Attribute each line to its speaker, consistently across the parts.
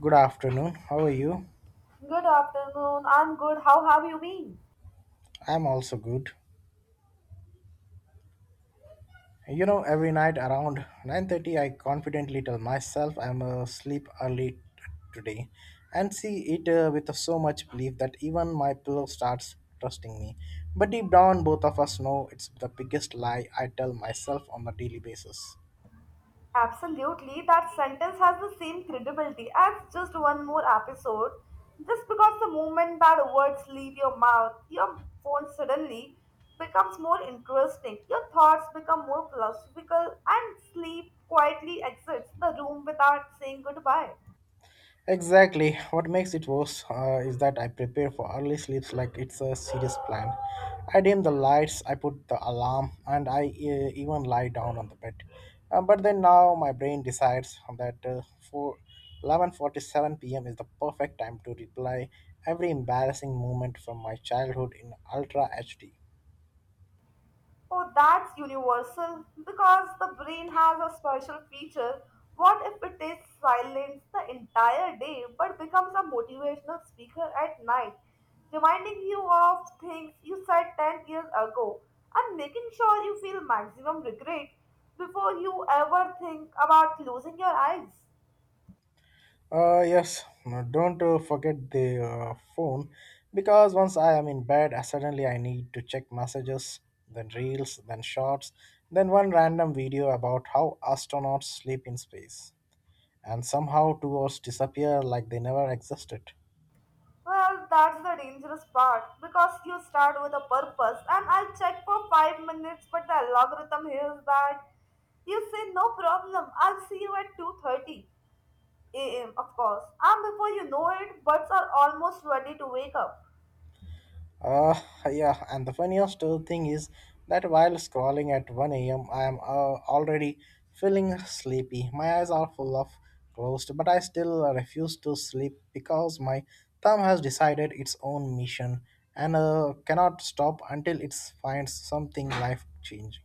Speaker 1: Good afternoon. How are you?
Speaker 2: Good afternoon. I'm good. How have you been?
Speaker 1: I'm also good. You know, every night around 9:30 I confidently tell myself I'm asleep early today and see it with so much belief that even my pillow starts trusting me. But deep down both of us know it's the biggest lie I tell myself on a daily basis.
Speaker 2: Absolutely. That sentence has the same credibility as just one more episode. Just because the moment that words leave your mouth, your phone suddenly becomes more interesting. Your thoughts become more philosophical, and sleep quietly exits the room without saying goodbye.
Speaker 1: Exactly. What makes it worse is that I prepare for early sleeps like it's a serious plan. I dim the lights, I put the alarm, and I even lie down on the bed. But then now my brain decides that for 11:47 p.m. is the perfect time to replay every embarrassing moment from my childhood in ultra HD.
Speaker 2: Oh, that's universal because the brain has a special feature. What if it is silence the entire day but becomes a motivational speaker at night, reminding you of things you said 10 years ago and making sure you feel maximum regret before you ever think about closing your eyes?
Speaker 1: Yes, no, don't forget the phone because once I am in bed, suddenly I need to check messages, then reels, then shorts, then one random video about how astronauts sleep in space. And somehow 2 hours disappear like they never existed.
Speaker 2: Well, that's the dangerous part because you start with a purpose and I'll check for 5 minutes, but the algorithm hears that. You say no problem, I'll see you at 2:30 a.m. of course. And before you know it, birds are almost ready to wake up.
Speaker 1: Uh, yeah, and the funniest thing is that while scrolling at 1 a.m., I am already feeling sleepy. My eyes are full of closed, but I still refuse to sleep because my thumb has decided its own mission and cannot stop until it finds something life changing.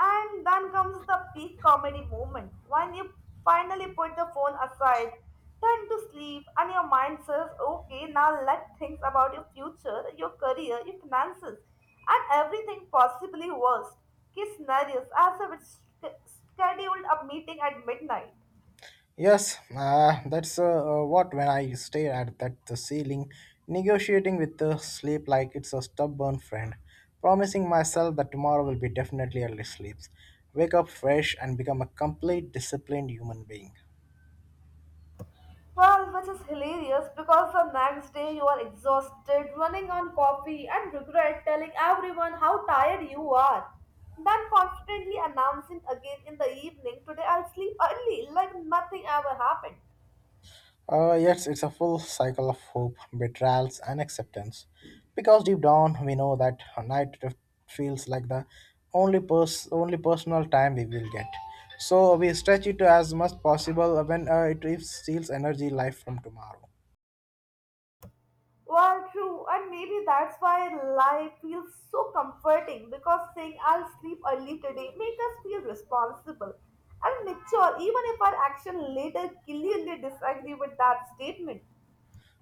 Speaker 2: And then comes the peak comedy moment when you finally put the phone aside, turn to sleep, and your mind says, okay, now let us think about your future, your career, your finances, and everything possibly worst case scenarios as if it's scheduled a meeting at midnight.
Speaker 1: Yes, that's what when I stare at that the ceiling, negotiating with the sleep like it's a stubborn friend, promising myself that tomorrow will be definitely early sleeps, wake up fresh and become a complete disciplined human being.
Speaker 2: Well, which is hilarious because the next day you are exhausted, running on coffee, and regret telling everyone how tired you are. Then confidently announcing again in the evening, today I'll sleep early, like nothing ever happened.
Speaker 1: Yes, it's a full cycle of hope, betrayals, and acceptance. Because deep down, we know that a night feels like the only personal time we will get. So we stretch it as much possible when it is- steals energy, life from tomorrow.
Speaker 2: Well, true, and maybe that's why life feels so comforting because saying I'll sleep early today makes us feel responsible and mature, even if our action later clearly disagree with that statement.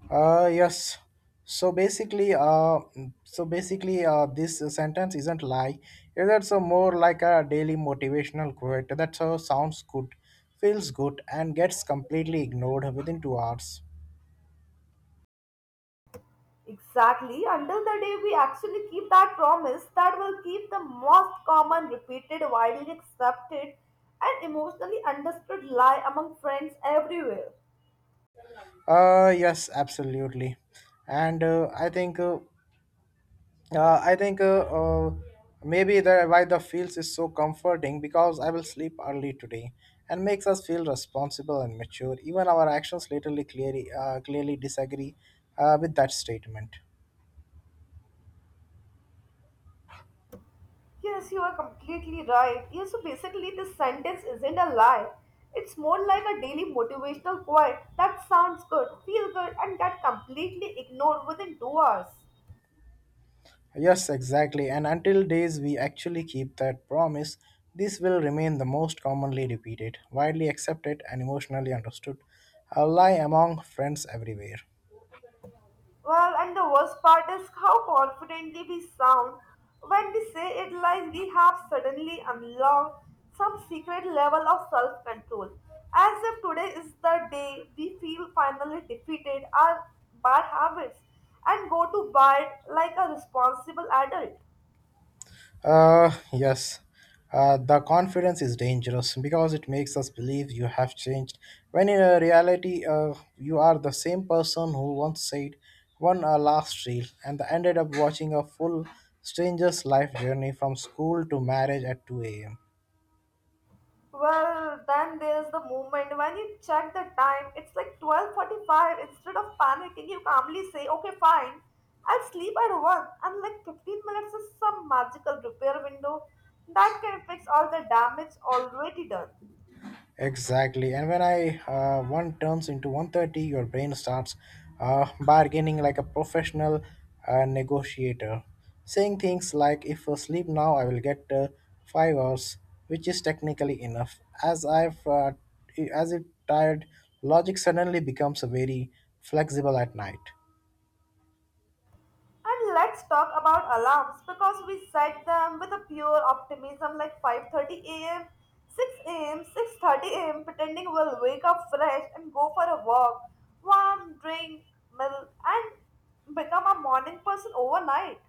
Speaker 1: Yes. So basically, uh, so basically, this sentence isn't lie. It's also more like a daily motivational quote that sounds good, feels good, and gets completely ignored within 2 hours.
Speaker 2: Exactly, until the day we actually keep that promise that will keep the most common, repeated, widely accepted, and emotionally understood lie among friends everywhere.
Speaker 1: Yes, absolutely, and I think maybe the why the feels is so comforting because I will sleep early today and makes us feel responsible and mature. Even our actions literally clearly clearly disagree with that statement.
Speaker 2: Yes, you are completely right. Yes, so basically, this sentence isn't a lie. It's more like a daily motivational quote that sounds good, feels good, and get completely ignored within 2 hours.
Speaker 1: Yes, exactly, and until days we actually keep that promise, this will remain the most commonly repeated, widely accepted, and emotionally understood a lie among friends everywhere.
Speaker 2: Well, and the worst part is how confidently we sound when we say it like we have suddenly unlocked some secret level of self control. As if today is the day we feel finally defeated our bad habits and go to bed like a responsible adult.
Speaker 1: Yes. The confidence is dangerous because it makes us believe you have changed, when in reality, you are the same person who once said one last reel and ended up watching a full stranger's life journey from school to marriage at 2 a.m.
Speaker 2: Well, then there's the moment when you check the time, it's like 12:45. Instead of panicking, you calmly say, "Okay, fine. I'll sleep at 1." And like 15 minutes is some magical repair window that can fix all the damage already done.
Speaker 1: Exactly. And when I one turns into 1:30, your brain starts bargaining like a professional negotiator, saying things like, if I sleep now, I will get 5 hours, which is technically enough. As if tired, logic suddenly becomes very flexible at night.
Speaker 2: And let's talk about alarms because we set them with a pure optimism like 5:30 a.m., 6 a.m., 6:30 a.m., pretending we'll wake up fresh and go for a walk, warm drink, milk, and become a morning person overnight.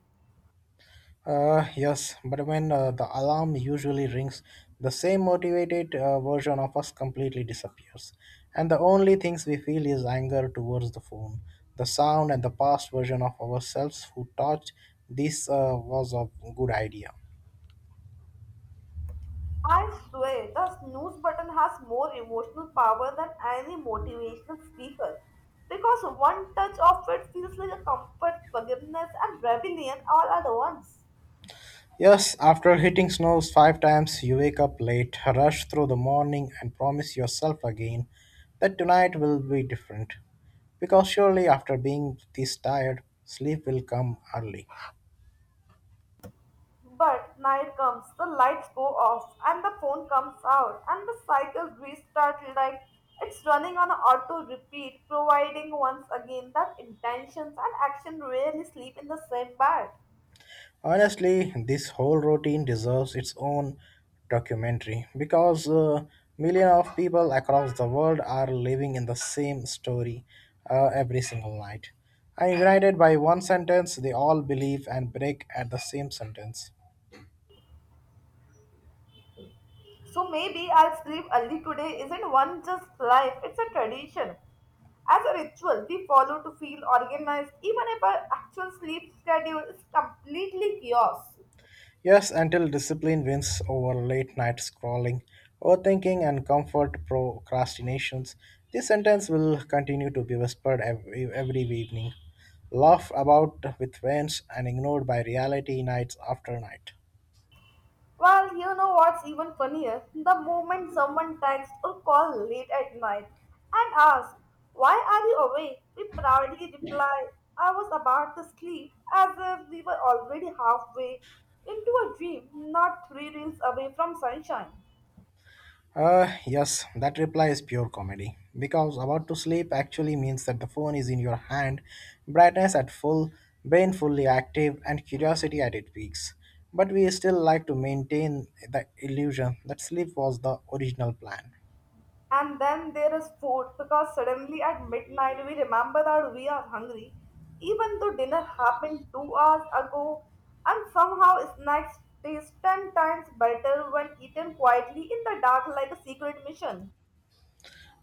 Speaker 1: Yes, but when the alarm usually rings, the same motivated version of us completely disappears. And the only things we feel is anger towards the phone, the sound, and the past version of ourselves who thought this was a good idea.
Speaker 2: I swear, the snooze button has more emotional power than any motivational speaker because one touch of it feels like a comfort, forgiveness, and rebellion all at once.
Speaker 1: Yes, after hitting snows five times, you wake up late, rush through the morning, and promise yourself again that tonight will be different. Because surely, after being this tired, sleep will come early.
Speaker 2: But night comes, the lights go off, and the phone comes out, and the cycle restarts like it's running on auto repeat, providing once again that intentions and action rarely sleep in the same bed.
Speaker 1: Honestly, this whole routine deserves its own documentary because millions of people across the world are living in the same story every single night. And united by one sentence, they all believe and break at the same sentence.
Speaker 2: So maybe I'll sleep early today isn't one just life, it's a tradition. As a ritual, we follow to feel organized, even if our actual sleep schedule is completely chaos.
Speaker 1: Yes, until discipline wins over late night scrolling, overthinking, and comfort procrastinations, this sentence will continue to be whispered every evening, laughed about with friends, and ignored by reality nights after night.
Speaker 2: Well, you know what's even funnier? The moment someone texts or calls late at night and asks, why are you awake? We proudly reply, I was about to sleep, as if we were already halfway into a dream, not three reels away from sunshine.
Speaker 1: Yes, that reply is pure comedy. Because about to sleep actually means that the phone is in your hand, brightness at full, brain fully active, and curiosity at its peaks. But we still like to maintain the illusion that sleep was the original plan.
Speaker 2: And then there is food because suddenly at midnight we remember that we are hungry, even though dinner happened 2 hours ago, and somehow snacks taste 10 times better when eaten quietly in the dark like a secret mission.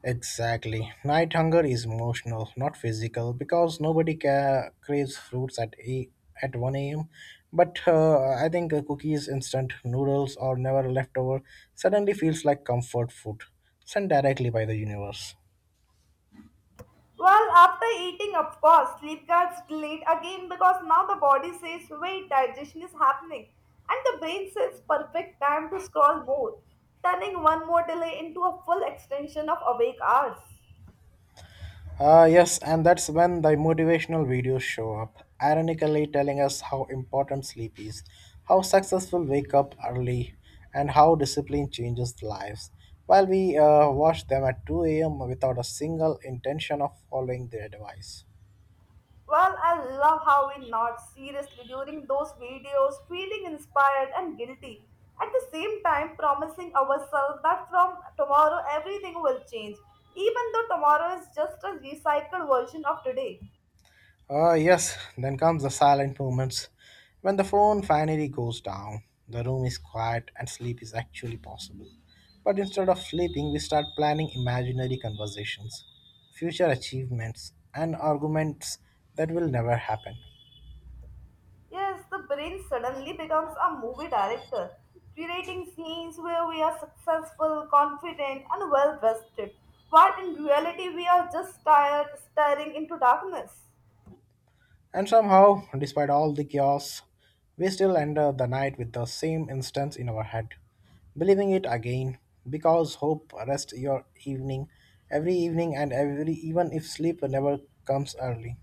Speaker 1: Exactly. Night hunger is emotional, not physical, because nobody craves fruits at 1 a.m. But I think cookies, instant noodles, or never leftover suddenly feels like comfort food sent directly by the universe.
Speaker 2: Well, after eating, of course, sleep gets delayed again because now the body says, wait, digestion is happening, and the brain says, perfect time to scroll more, turning one more delay into a full extension of awake hours.
Speaker 1: Yes, and that's when the motivational videos show up, ironically telling us how important sleep is, how successful wake up early, and how discipline changes lives. While we watch them at 2 a.m. without a single intention of following their advice.
Speaker 2: Well, I love how we nod seriously during those videos, feeling inspired and guilty. At the same time, promising ourselves that from tomorrow everything will change, even though tomorrow is just a recycled version of today.
Speaker 1: Yes, then comes the silent moments when the phone finally goes down. The room is quiet and sleep is actually possible. But instead of sleeping, we start planning imaginary conversations, future achievements, and arguments that will never happen.
Speaker 2: Yes, the brain suddenly becomes a movie director, creating scenes where we are successful, confident, and well rested, while in reality we are just tired, staring into darkness.
Speaker 1: And somehow, despite all the chaos, we still enter the night with the same instance in our head, believing it again, because hope rests your evening, every evening and every even if sleep never comes early.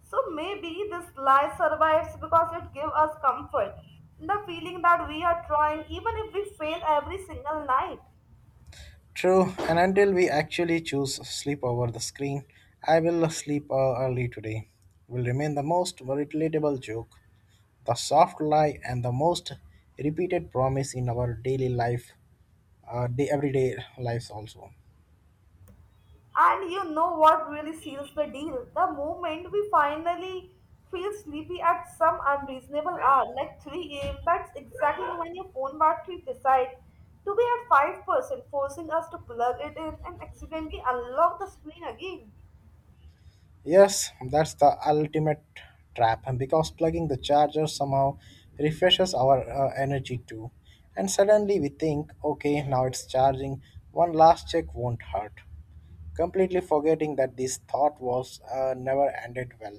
Speaker 2: So maybe this lie survives because it gives us comfort. The feeling that we are trying even if we fail every single night.
Speaker 1: True, and until we actually choose sleep over the screen, I will sleep early today. Will remain the most relatable joke, the soft lie, and the most repeated promise in our daily life, everyday lives also.
Speaker 2: And you know what really seals the deal? The moment we finally feel sleepy at some unreasonable hour, like 3 a.m., that's exactly when your phone battery decides to be at 5%, forcing us to plug it in and accidentally unlock the screen again.
Speaker 1: Yes, that's the ultimate trap because plugging the charger somehow refreshes our energy too. And suddenly we think, okay, now it's charging, one last check won't hurt. Completely forgetting that this thought was never ended well.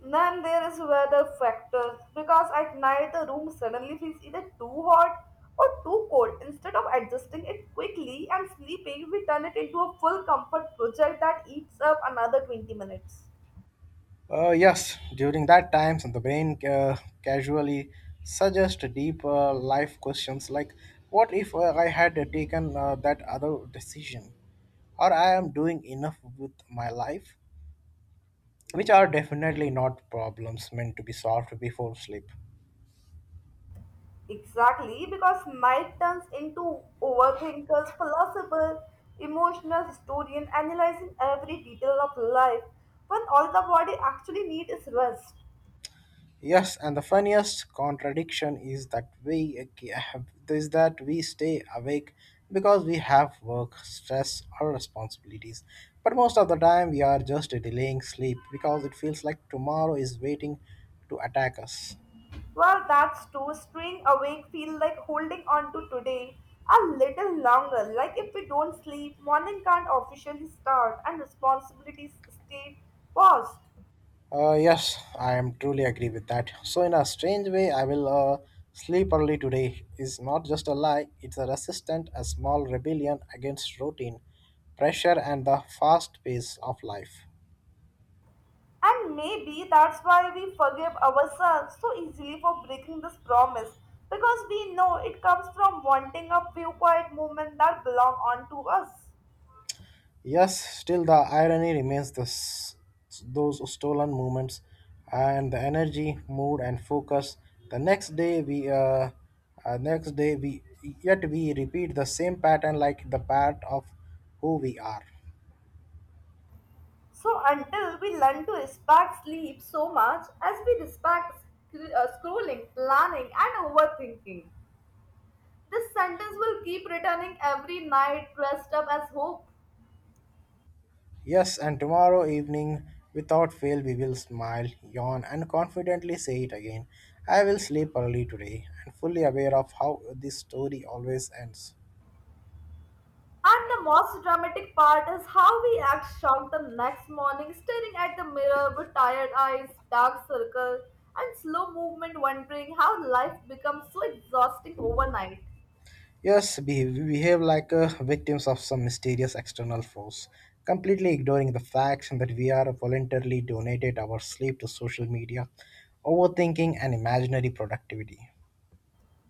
Speaker 2: Then there is weather factors because at night the room suddenly feels either too hot or too cold. Instead of adjusting it quickly and sleeping, we turn it into a full comfort project that eats up another 20 minutes.
Speaker 1: Yes, during that time, the brain casually suggests deeper life questions like, what if I had taken that other decision? Or I am doing enough with my life? Which are definitely not problems meant to be solved before sleep.
Speaker 2: Exactly, because night turns into overthinkers, philosopher, emotional historian, analyzing every detail of life when all the body actually needs is rest.
Speaker 1: Yes, and the funniest contradiction is that we stay awake because we have work, stress, or responsibilities. But most of the time, we are just delaying sleep because it feels like tomorrow is waiting to attack us.
Speaker 2: Well, that's true. Staying awake feels like holding on to today a little longer. Like if we don't sleep, morning can't officially start and responsibilities stay paused.
Speaker 1: Yes, I am truly agree with that. So, in a strange way, I will sleep early today is not just a lie, it's a resistance, a small rebellion against routine, pressure, and the fast pace of life.
Speaker 2: And maybe that's why we forgive ourselves so easily for breaking this promise because we know it comes from wanting a few quiet moments that belong onto us.
Speaker 1: Yes, still the irony remains this, those stolen moments and the energy, mood, and focus. The next day, we uh, next day we yet we repeat the same pattern like the part of who we are.
Speaker 2: So until we learn to respect sleep so much as we respect scrolling, planning, and overthinking. This sentence will keep returning every night, dressed up as hope.
Speaker 1: Yes, and tomorrow evening, without fail, we will smile, yawn, and confidently say it again. I will sleep early today and fully aware of how this story always ends.
Speaker 2: And the most dramatic part is how we act shocked the next morning, staring at the mirror with tired eyes, dark circles, and slow movement, wondering how life becomes so exhausting overnight.
Speaker 1: Yes, we behave like victims of some mysterious external force, completely ignoring the facts that we are voluntarily donated our sleep to social media, overthinking, and imaginary productivity.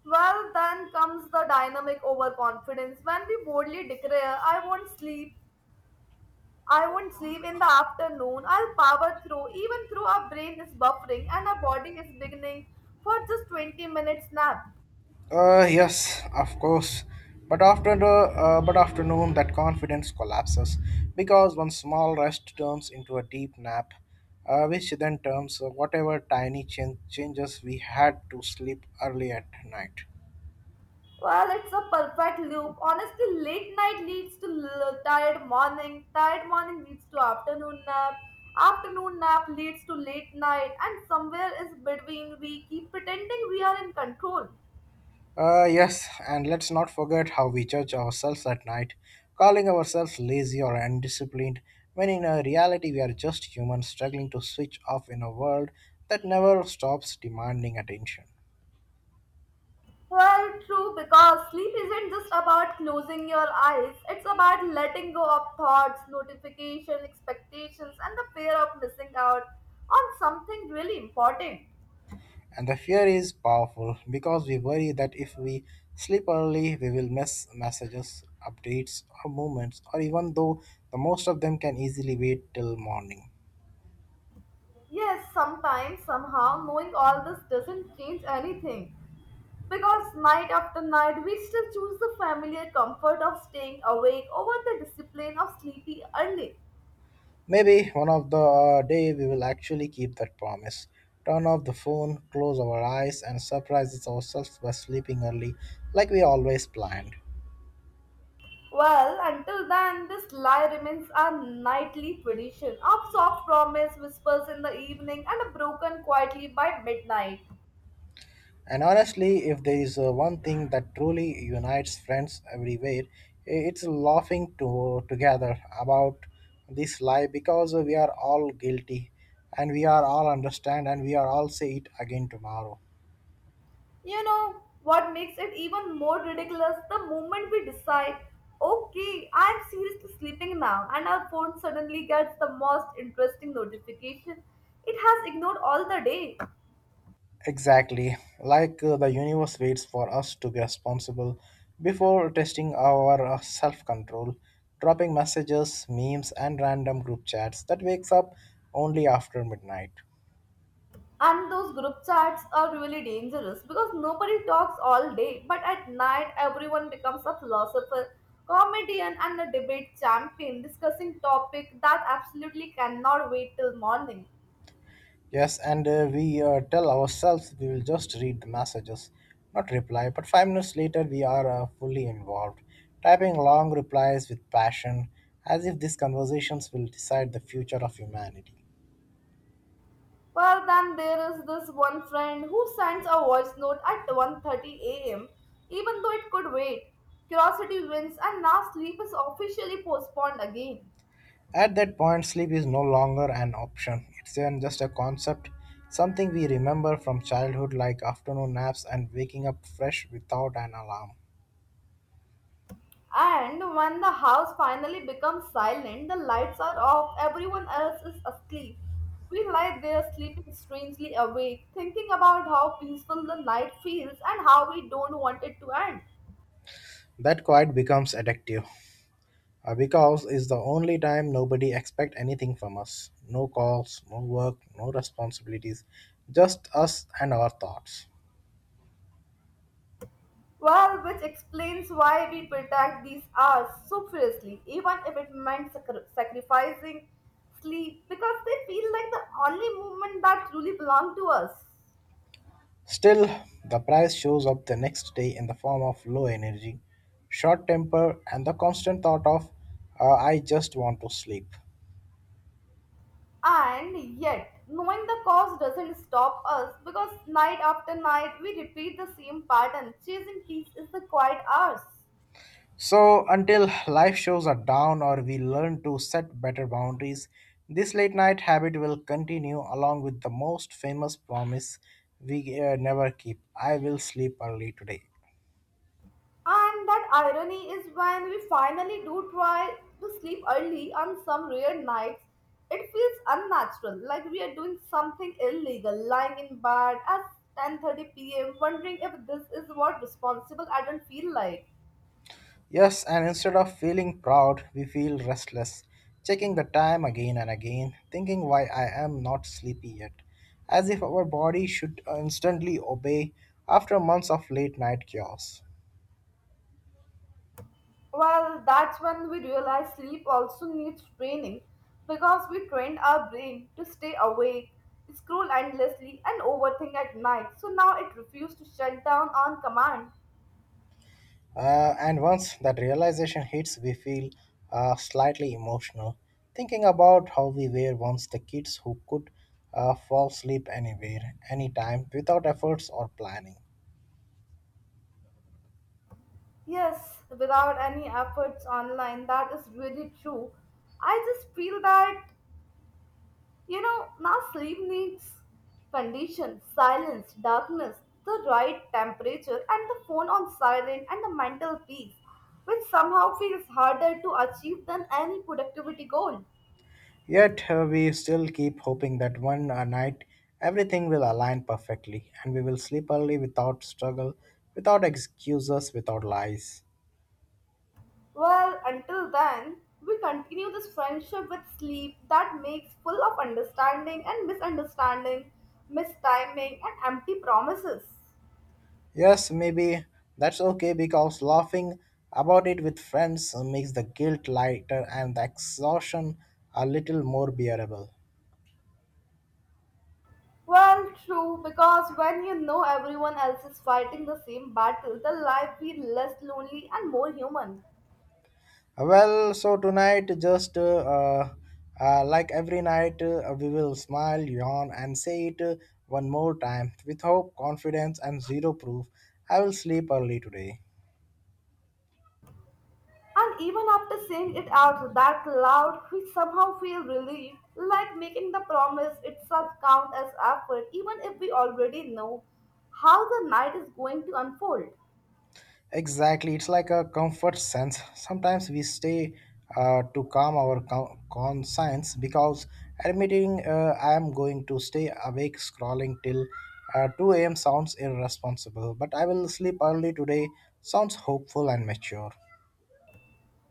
Speaker 2: Well, then comes the dynamic overconfidence when we boldly declare, I won't sleep in the afternoon. I'll power through, even through our brain is buffering and our body is beginning for just 20 minutes nap.
Speaker 1: Yes, of course. But afternoon, that confidence collapses because one small rest turns into a deep nap, which then turns whatever tiny changes we had to sleep early at night.
Speaker 2: Well, it's a perfect loop. Honestly, late night leads to tired morning. Tired morning leads to afternoon nap. Afternoon nap leads to late night. And somewhere is between we keep pretending we are in control.
Speaker 1: Yes, and let's not forget how we judge ourselves at night, calling ourselves lazy or undisciplined, when in reality we are just humans struggling to switch off in a world that never stops demanding attention.
Speaker 2: Well, true, because sleep isn't just about closing your eyes, it's about letting go of thoughts, notification, expectations, and the fear of missing out on something really important.
Speaker 1: And the fear is powerful because we worry that if we sleep early, we will miss messages, updates, or movements, or even though the most of them can easily wait till morning.
Speaker 2: Yes, sometimes, somehow, knowing all this doesn't change anything because night after night we still choose the familiar comfort of staying awake over the discipline of sleepy early.
Speaker 1: Maybe one of the day we will actually keep that promise. Turn off the phone, close our eyes, and surprise ourselves by sleeping early like we always planned.
Speaker 2: Well, until then, this lie remains a nightly tradition of soft promise, whispers in the evening, and a broken quietly by midnight.
Speaker 1: And honestly, if there is one thing that truly unites friends everywhere, it's laughing together about this lie because we are all guilty and we are all understand and we are all say it again tomorrow.
Speaker 2: You know what makes it even more ridiculous? The moment we decide, okay, I'm seriously sleeping now, and our phone suddenly gets the most interesting notification it has ignored all the day.
Speaker 1: Exactly. Like the universe waits for us to be responsible before testing our self control, dropping messages, memes, and random group chats that wakes up only after midnight.
Speaker 2: And those group chats are really dangerous because nobody talks all day, but at night everyone becomes a philosopher, comedian, and a debate champion discussing topic that absolutely cannot wait till morning.
Speaker 1: Yes, and we tell ourselves we will just read the messages, not reply. But 5 minutes later, we are fully involved, typing long replies with passion, as if these conversations will decide the future of humanity.
Speaker 2: Well, then there is this one friend who sends a voice note at 1:30 a.m. even though it could wait. Curiosity wins, and now sleep is officially postponed again.
Speaker 1: At that point, sleep is no longer an option, it's even just a concept, something we remember from childhood, like afternoon naps and waking up fresh without an alarm.
Speaker 2: And when the house finally becomes silent, the lights are off, everyone else is asleep. We lie there sleeping strangely awake, thinking about how peaceful the night feels and how we don't want it to end.
Speaker 1: That quiet becomes addictive. Because it's the only time nobody expect anything from us. No calls, no work, no responsibilities, just us and our thoughts.
Speaker 2: Well, which explains why we protect these hours so fiercely, even if it meant sacrificing sleep, because they feel like the only moment that truly belong to us.
Speaker 1: Still, the price shows up the next day in the form of low energy, short temper, and the constant thought of, I just want to sleep.
Speaker 2: And yet, knowing the cause doesn't stop us because night after night we repeat the same pattern. Chasing peace is the quiet hours.
Speaker 1: So, until life shows are down or we learn to set better boundaries, this late night habit will continue along with the most famous promise we never keep, I will sleep early today.
Speaker 2: And that irony is when we finally do try to sleep early on some rare nights, it feels unnatural, like we are doing something illegal, lying in bed at 10:30 p.m., wondering if this is what responsible adult feel like.
Speaker 1: Yes, and instead of feeling proud, we feel restless, checking the time again and again, thinking why I am not sleepy yet, as if our body should instantly obey after months of late night chaos.
Speaker 2: Well, that's when we realize sleep also needs training because we trained our brain to stay awake, scroll endlessly, and overthink at night. So now it refuses to shut down on command.
Speaker 1: And once that realization hits, we feel slightly emotional, thinking about how we were once the kids who could fall asleep anywhere, anytime, without efforts or planning.
Speaker 2: Yes, without any efforts online, that is really true. I just feel that now sleep needs conditions, silence, darkness, the right temperature, and the phone on silent, and the mental peace, which somehow feels harder to achieve than any productivity goal.
Speaker 1: Yet, we still keep hoping that one night everything will align perfectly and we will sleep early without struggle, without excuses, without lies.
Speaker 2: Well, until then, we continue this friendship with sleep that makes full of understanding and misunderstanding, mistiming, and empty promises.
Speaker 1: Yes, maybe that's okay because laughing about it with friends makes the guilt lighter and the exhaustion a little more bearable.
Speaker 2: Well, true, because when you know everyone else is fighting the same battle, the life feels less lonely and more human.
Speaker 1: Well, so tonight, just like every night, we will smile, yawn, and say it one more time with hope, confidence, and zero proof. I will sleep early today.
Speaker 2: And even after saying it out that loud, we somehow feel relieved, like making the promise itself count as effort, even if we already know how the night is going to unfold.
Speaker 1: Exactly, it's like a comfort sense. Sometimes we stay to calm our conscience because admitting, I am going to stay awake scrolling till 2 a.m. sounds irresponsible, but I will sleep early today sounds hopeful and mature.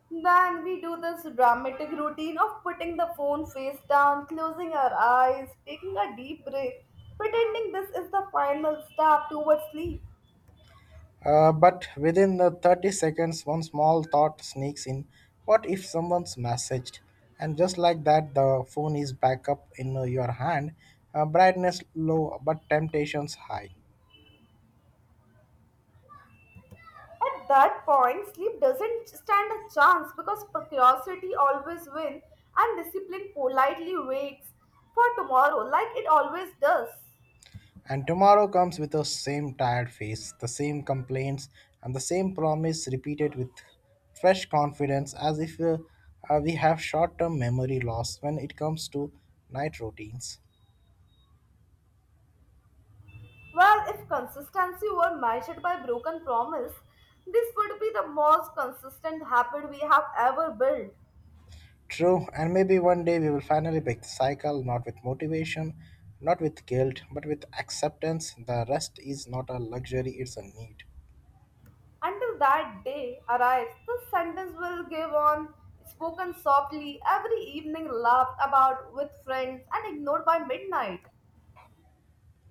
Speaker 2: Then we do this dramatic routine of putting the phone face down, closing our eyes, taking a deep breath, pretending this is the final step towards sleep.
Speaker 1: But within the 30 seconds, one small thought sneaks in, what if someone's messaged? And just like that, the phone is back up in your hand, brightness low, but temptations high.
Speaker 2: At that point, sleep doesn't stand a chance because curiosity always wins and discipline politely waits for tomorrow like it always does.
Speaker 1: And tomorrow comes with the same tired face, the same complaints, and the same promise repeated with fresh confidence, as if we have short term memory loss when it comes to night routines.
Speaker 2: Well, if consistency were measured by broken promise, this would be the most consistent habit we have ever built.
Speaker 1: True, and maybe one day we will finally break the cycle, not with motivation, not with guilt, but with acceptance. The rest is not a luxury, it's a need.
Speaker 2: Until that day arrives, the sentence will give on, spoken softly every evening, laughed about with friends, and ignored by midnight.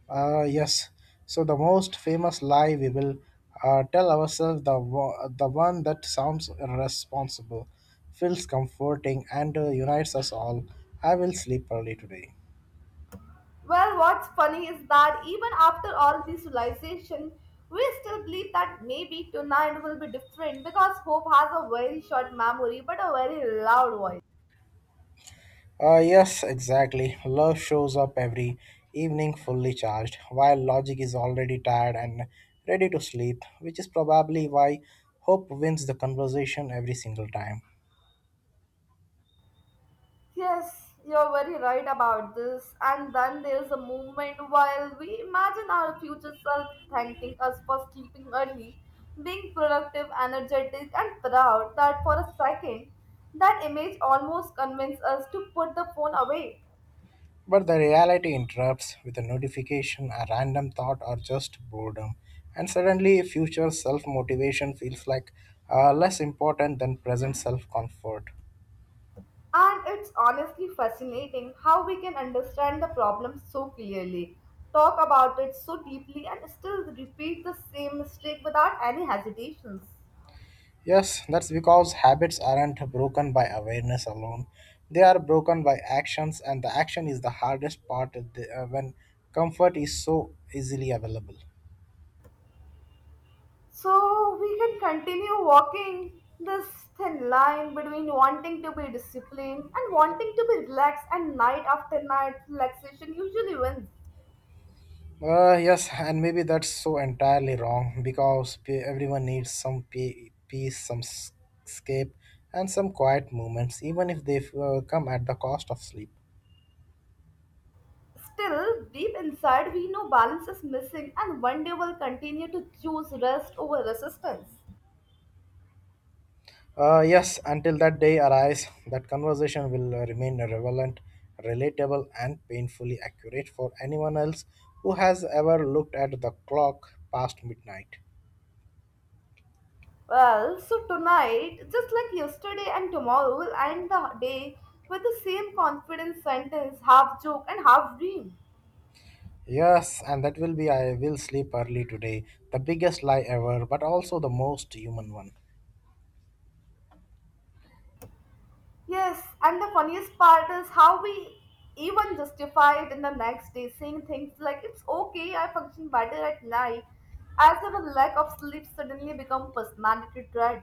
Speaker 1: Yes. So the most famous lie we will tell ourselves, the the one that sounds responsible, feels comforting, and unites us all. I will sleep early today.
Speaker 2: Well, what's funny is that even after all this realization, we still believe that maybe tonight will be different because hope has a very short memory but a very loud voice.
Speaker 1: Yes, exactly. Love shows up every evening fully charged, while logic is already tired and ready to sleep, which is probably why hope wins the conversation every single time.
Speaker 2: Yes, you're very right about this. And then there's a moment while we imagine our future self thanking us for sleeping early, being productive, energetic, and proud that for a second, that image almost convinces us to put the phone away.
Speaker 1: But the reality interrupts with a notification, a random thought, or just boredom. And suddenly, future self motivation feels less important than present self comfort.
Speaker 2: And it's honestly fascinating how we can understand the problem so clearly, talk about it so deeply, and still repeat the same mistake without any hesitations.
Speaker 1: Yes, that's because habits aren't broken by awareness alone. They are broken by actions, and the action is the hardest part when comfort is so easily available.
Speaker 2: So we can continue walking this thin line between wanting to be disciplined and wanting to be relaxed, and night after night, relaxation usually wins.
Speaker 1: Yes, and maybe that's so entirely wrong because everyone needs some peace, some escape, and some quiet moments, even if they come at the cost of sleep.
Speaker 2: Still, deep inside, we know balance is missing, and one day we'll continue to choose rest over resistance.
Speaker 1: Yes, until that day arrives, that conversation will remain relevant, relatable, and painfully accurate for anyone else who has ever looked at the clock past midnight.
Speaker 2: Well, so tonight, just like yesterday and tomorrow, we'll end the day with the same confident sentence, half joke and half dream.
Speaker 1: Yes, and that will be, I will sleep early today, the biggest lie ever, but also the most human one.
Speaker 2: Yes, and the funniest part is how we even justify it in the next day, saying things like, "It's okay, I function better at night," as if a lack of sleep suddenly become personality trait.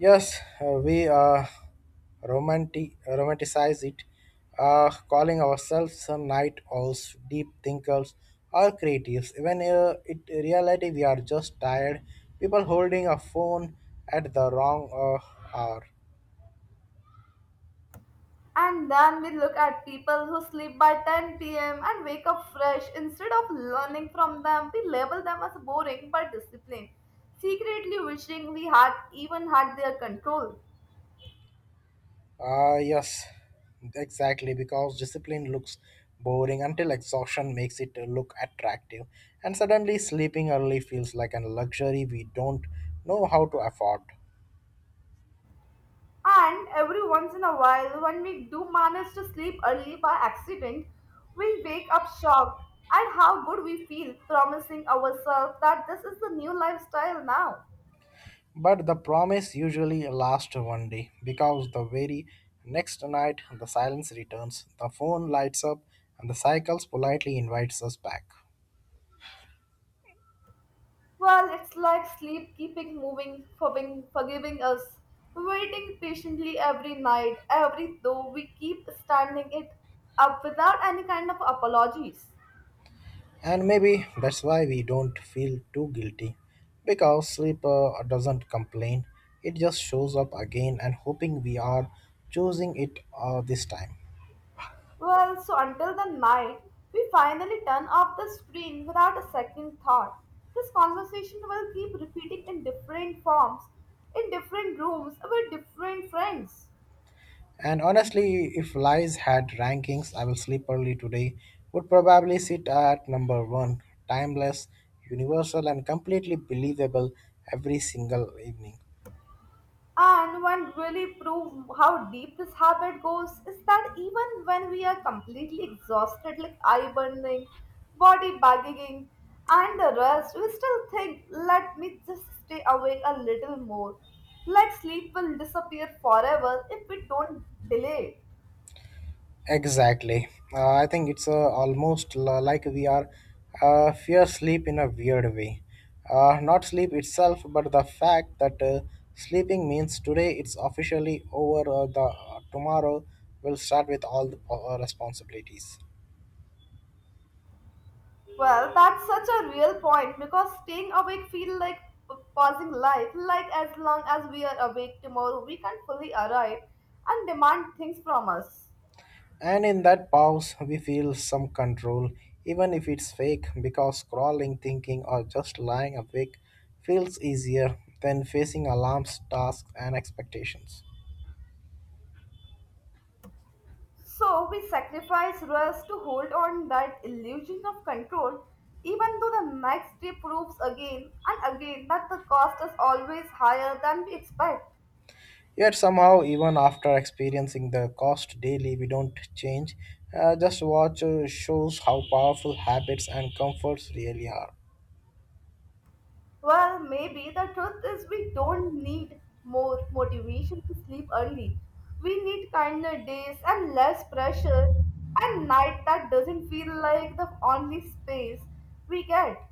Speaker 1: Yes, we romanticize it, calling ourselves some night owls, deep thinkers, or creatives. Even in reality, we are just tired people holding a phone at the wrong hour.
Speaker 2: And then we look at people who sleep by 10 p.m. and wake up fresh. Instead of learning from them, we label them as boring but disciplined, secretly wishing we had even had their control.
Speaker 1: Yes, exactly, because discipline looks boring until exhaustion makes it look attractive, and suddenly sleeping early feels like a luxury we don't know how to afford.
Speaker 2: And every once in a while, when we do manage to sleep early by accident, we wake up shocked at how good we feel, promising ourselves that this is the new lifestyle now.
Speaker 1: But the promise usually lasts one day because the very next night the silence returns, the phone lights up, and the cycles politely invites us back.
Speaker 2: Well, it's like sleep keeping moving, forgiving us, waiting patiently every night, every though we keep standing it up without any kind of apologies.
Speaker 1: And maybe that's why we don't feel too guilty, because sleep doesn't complain, it just shows up again and hoping we are choosing it this time.
Speaker 2: Well, so until the night, we finally turn off the screen without a second thought. This conversation will keep repeating in different forms, in different rooms, with different friends.
Speaker 1: And honestly, if lies had rankings, I will sleep early today would probably sit at number one, timeless, universal, and completely believable every single evening.
Speaker 2: And what really proves how deep this habit goes is that even when we are completely exhausted, like eye burning, body bagging, and the rest, we still think, let me just stay awake a little more. Like sleep will disappear forever if we don't delay.
Speaker 1: Exactly. I think it's almost like we are fear sleep in a weird way. Not sleep itself, but the fact that sleeping means today it's officially over, or the tomorrow will start with all the responsibilities.
Speaker 2: Well, that's such a real point because staying awake feels like pausing life. Like as long as we are awake tomorrow, we can fully arrive and demand things from us.
Speaker 1: And in that pause, we feel some control, even if it's fake, because scrolling, thinking, or just lying awake feels easier than facing alarms, tasks, and expectations.
Speaker 2: So we sacrifice rest to hold on that illusion of control, even though the next day proves again and again that the cost is always higher than we expect.
Speaker 1: Yet somehow, even after experiencing the cost daily, we don't change. Just watch shows how powerful habits and comforts really are.
Speaker 2: Well, maybe the truth is we don't need more motivation to sleep early. We need kinder days and less pressure and night that doesn't feel like the only space we get.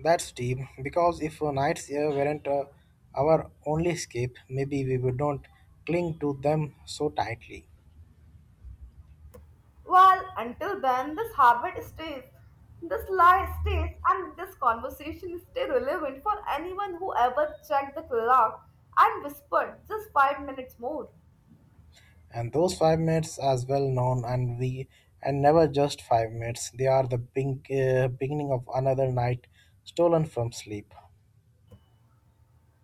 Speaker 1: That's deep, because if nights here weren't our only escape, maybe we would not cling to them so tightly.
Speaker 2: Well, until then, this habit stays, this lie stays, and this conversation stay relevant for anyone who ever checked the clock and whispered just 5 minutes more.
Speaker 1: And those 5 minutes as well known, and we and never just 5 minutes. They are the big, beginning of another night stolen from sleep.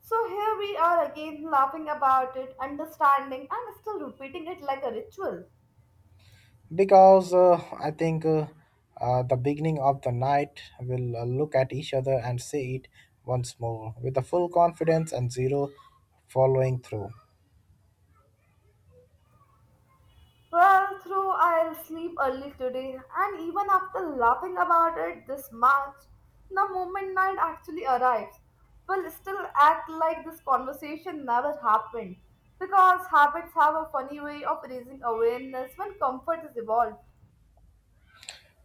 Speaker 2: So here we are again laughing about it, understanding, and still repeating it like a ritual.
Speaker 1: Because I think the beginning of the night will look at each other and say it once more with the full confidence and zero following through.
Speaker 2: Well, through I'll sleep early today, and even after laughing about it this much, the moment night actually arrives, we'll still act like this conversation never happened because habits have a funny way of raising awareness when comfort is evolved.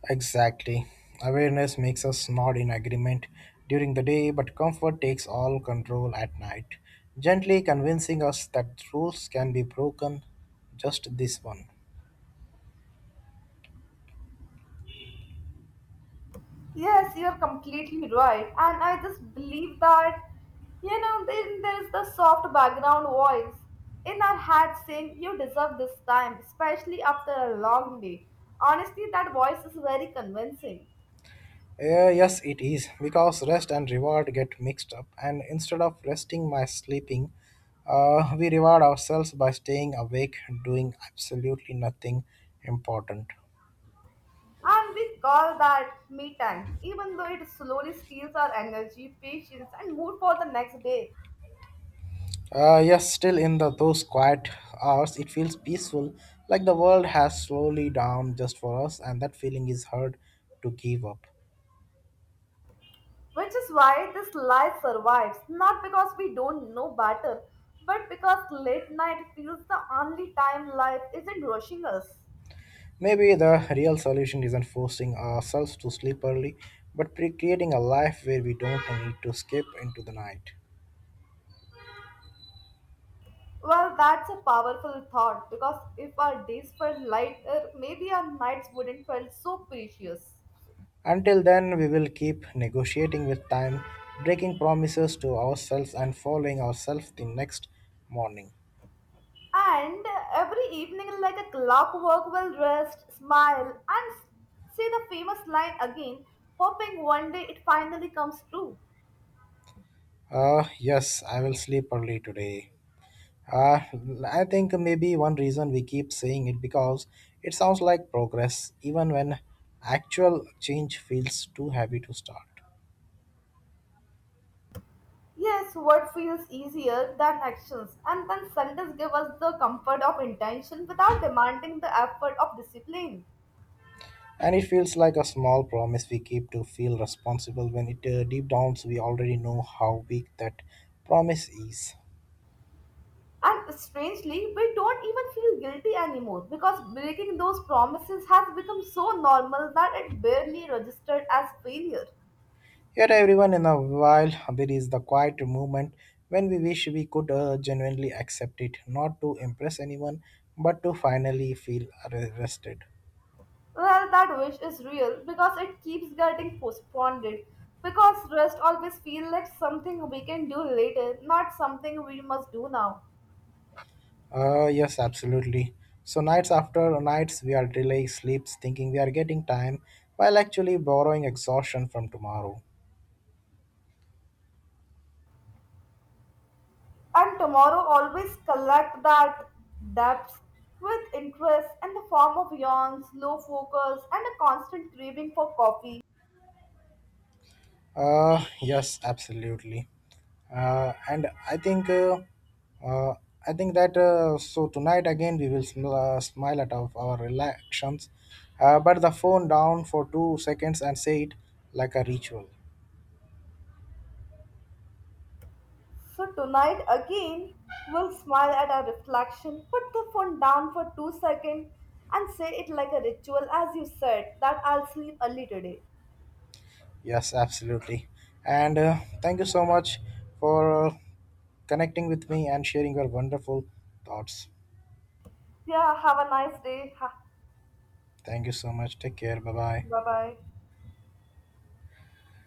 Speaker 1: Exactly. Awareness makes us nod in agreement during the day, but comfort takes all control at night, gently convincing us that rules can be broken, just this one.
Speaker 2: Yes, you're completely right. And I just believe that, then there is the soft background voice in our head saying, "You deserve this time, especially after a long day." Honestly, that voice is very convincing.
Speaker 1: Yes, it is, because rest and reward get mixed up, and instead of resting by sleeping, we reward ourselves by staying awake, doing absolutely nothing important.
Speaker 2: And we call that me time, even though it slowly steals our energy, patience, and mood for the next day.
Speaker 1: Yes, still in the those quiet hours, it feels peaceful, like the world has slowly down just for us, and that feeling is hard to give up.
Speaker 2: Which is why this lie survives, not because we don't know better, but because late night feels the only time life isn't rushing us.
Speaker 1: Maybe the real solution isn't forcing ourselves to sleep early, but creating a life where we don't need to skip into the night.
Speaker 2: Well, that's a powerful thought because if our days felt lighter, maybe our nights wouldn't feel so precious.
Speaker 1: Until then, we will keep negotiating with time, breaking promises to ourselves, and following ourselves the next morning.
Speaker 2: And every evening, like a clockwork, will rest, smile, and say the famous line again, hoping one day it finally comes true.
Speaker 1: Yes, I will sleep early today. Uh, I think maybe one reason we keep saying it because it sounds like progress, even when actual change feels too heavy to start.
Speaker 2: Yes, word feels easier than actions, and then Sundays give us the comfort of intention without demanding the effort of discipline.
Speaker 1: And it feels like a small promise we keep to feel responsible, when it deep down we already know how weak that promise is.
Speaker 2: And strangely, we don't even feel guilty anymore because breaking those promises has become so normal that it barely registered as failure.
Speaker 1: Yet, everyone in a while, there is the quiet moment when we wish we could genuinely accept it, not to impress anyone, but to finally feel rested.
Speaker 2: Well, that wish is real because it keeps getting postponed. Because rest always feels like something we can do later, not something we must do now.
Speaker 1: Yes, absolutely. So nights after nights, we are delaying sleeps, thinking we are getting time, while actually borrowing exhaustion from tomorrow.
Speaker 2: And tomorrow always collect that depths with interest in the form of yawns, low focus, and a constant craving for coffee.
Speaker 1: Yes, absolutely. And uh, I think that so tonight again we will smile at our relations, but the phone down for 2 seconds and say it like a ritual.
Speaker 2: So tonight again, we'll smile at our reflection, put the phone down for 2 seconds, and say it like a ritual, as you said, that I'll sleep early today.
Speaker 1: Yes, absolutely. And thank you so much for connecting with me and sharing your wonderful thoughts.
Speaker 2: Yeah, have a nice day.
Speaker 1: Thank you so much. Take care. Bye bye.
Speaker 2: Bye bye.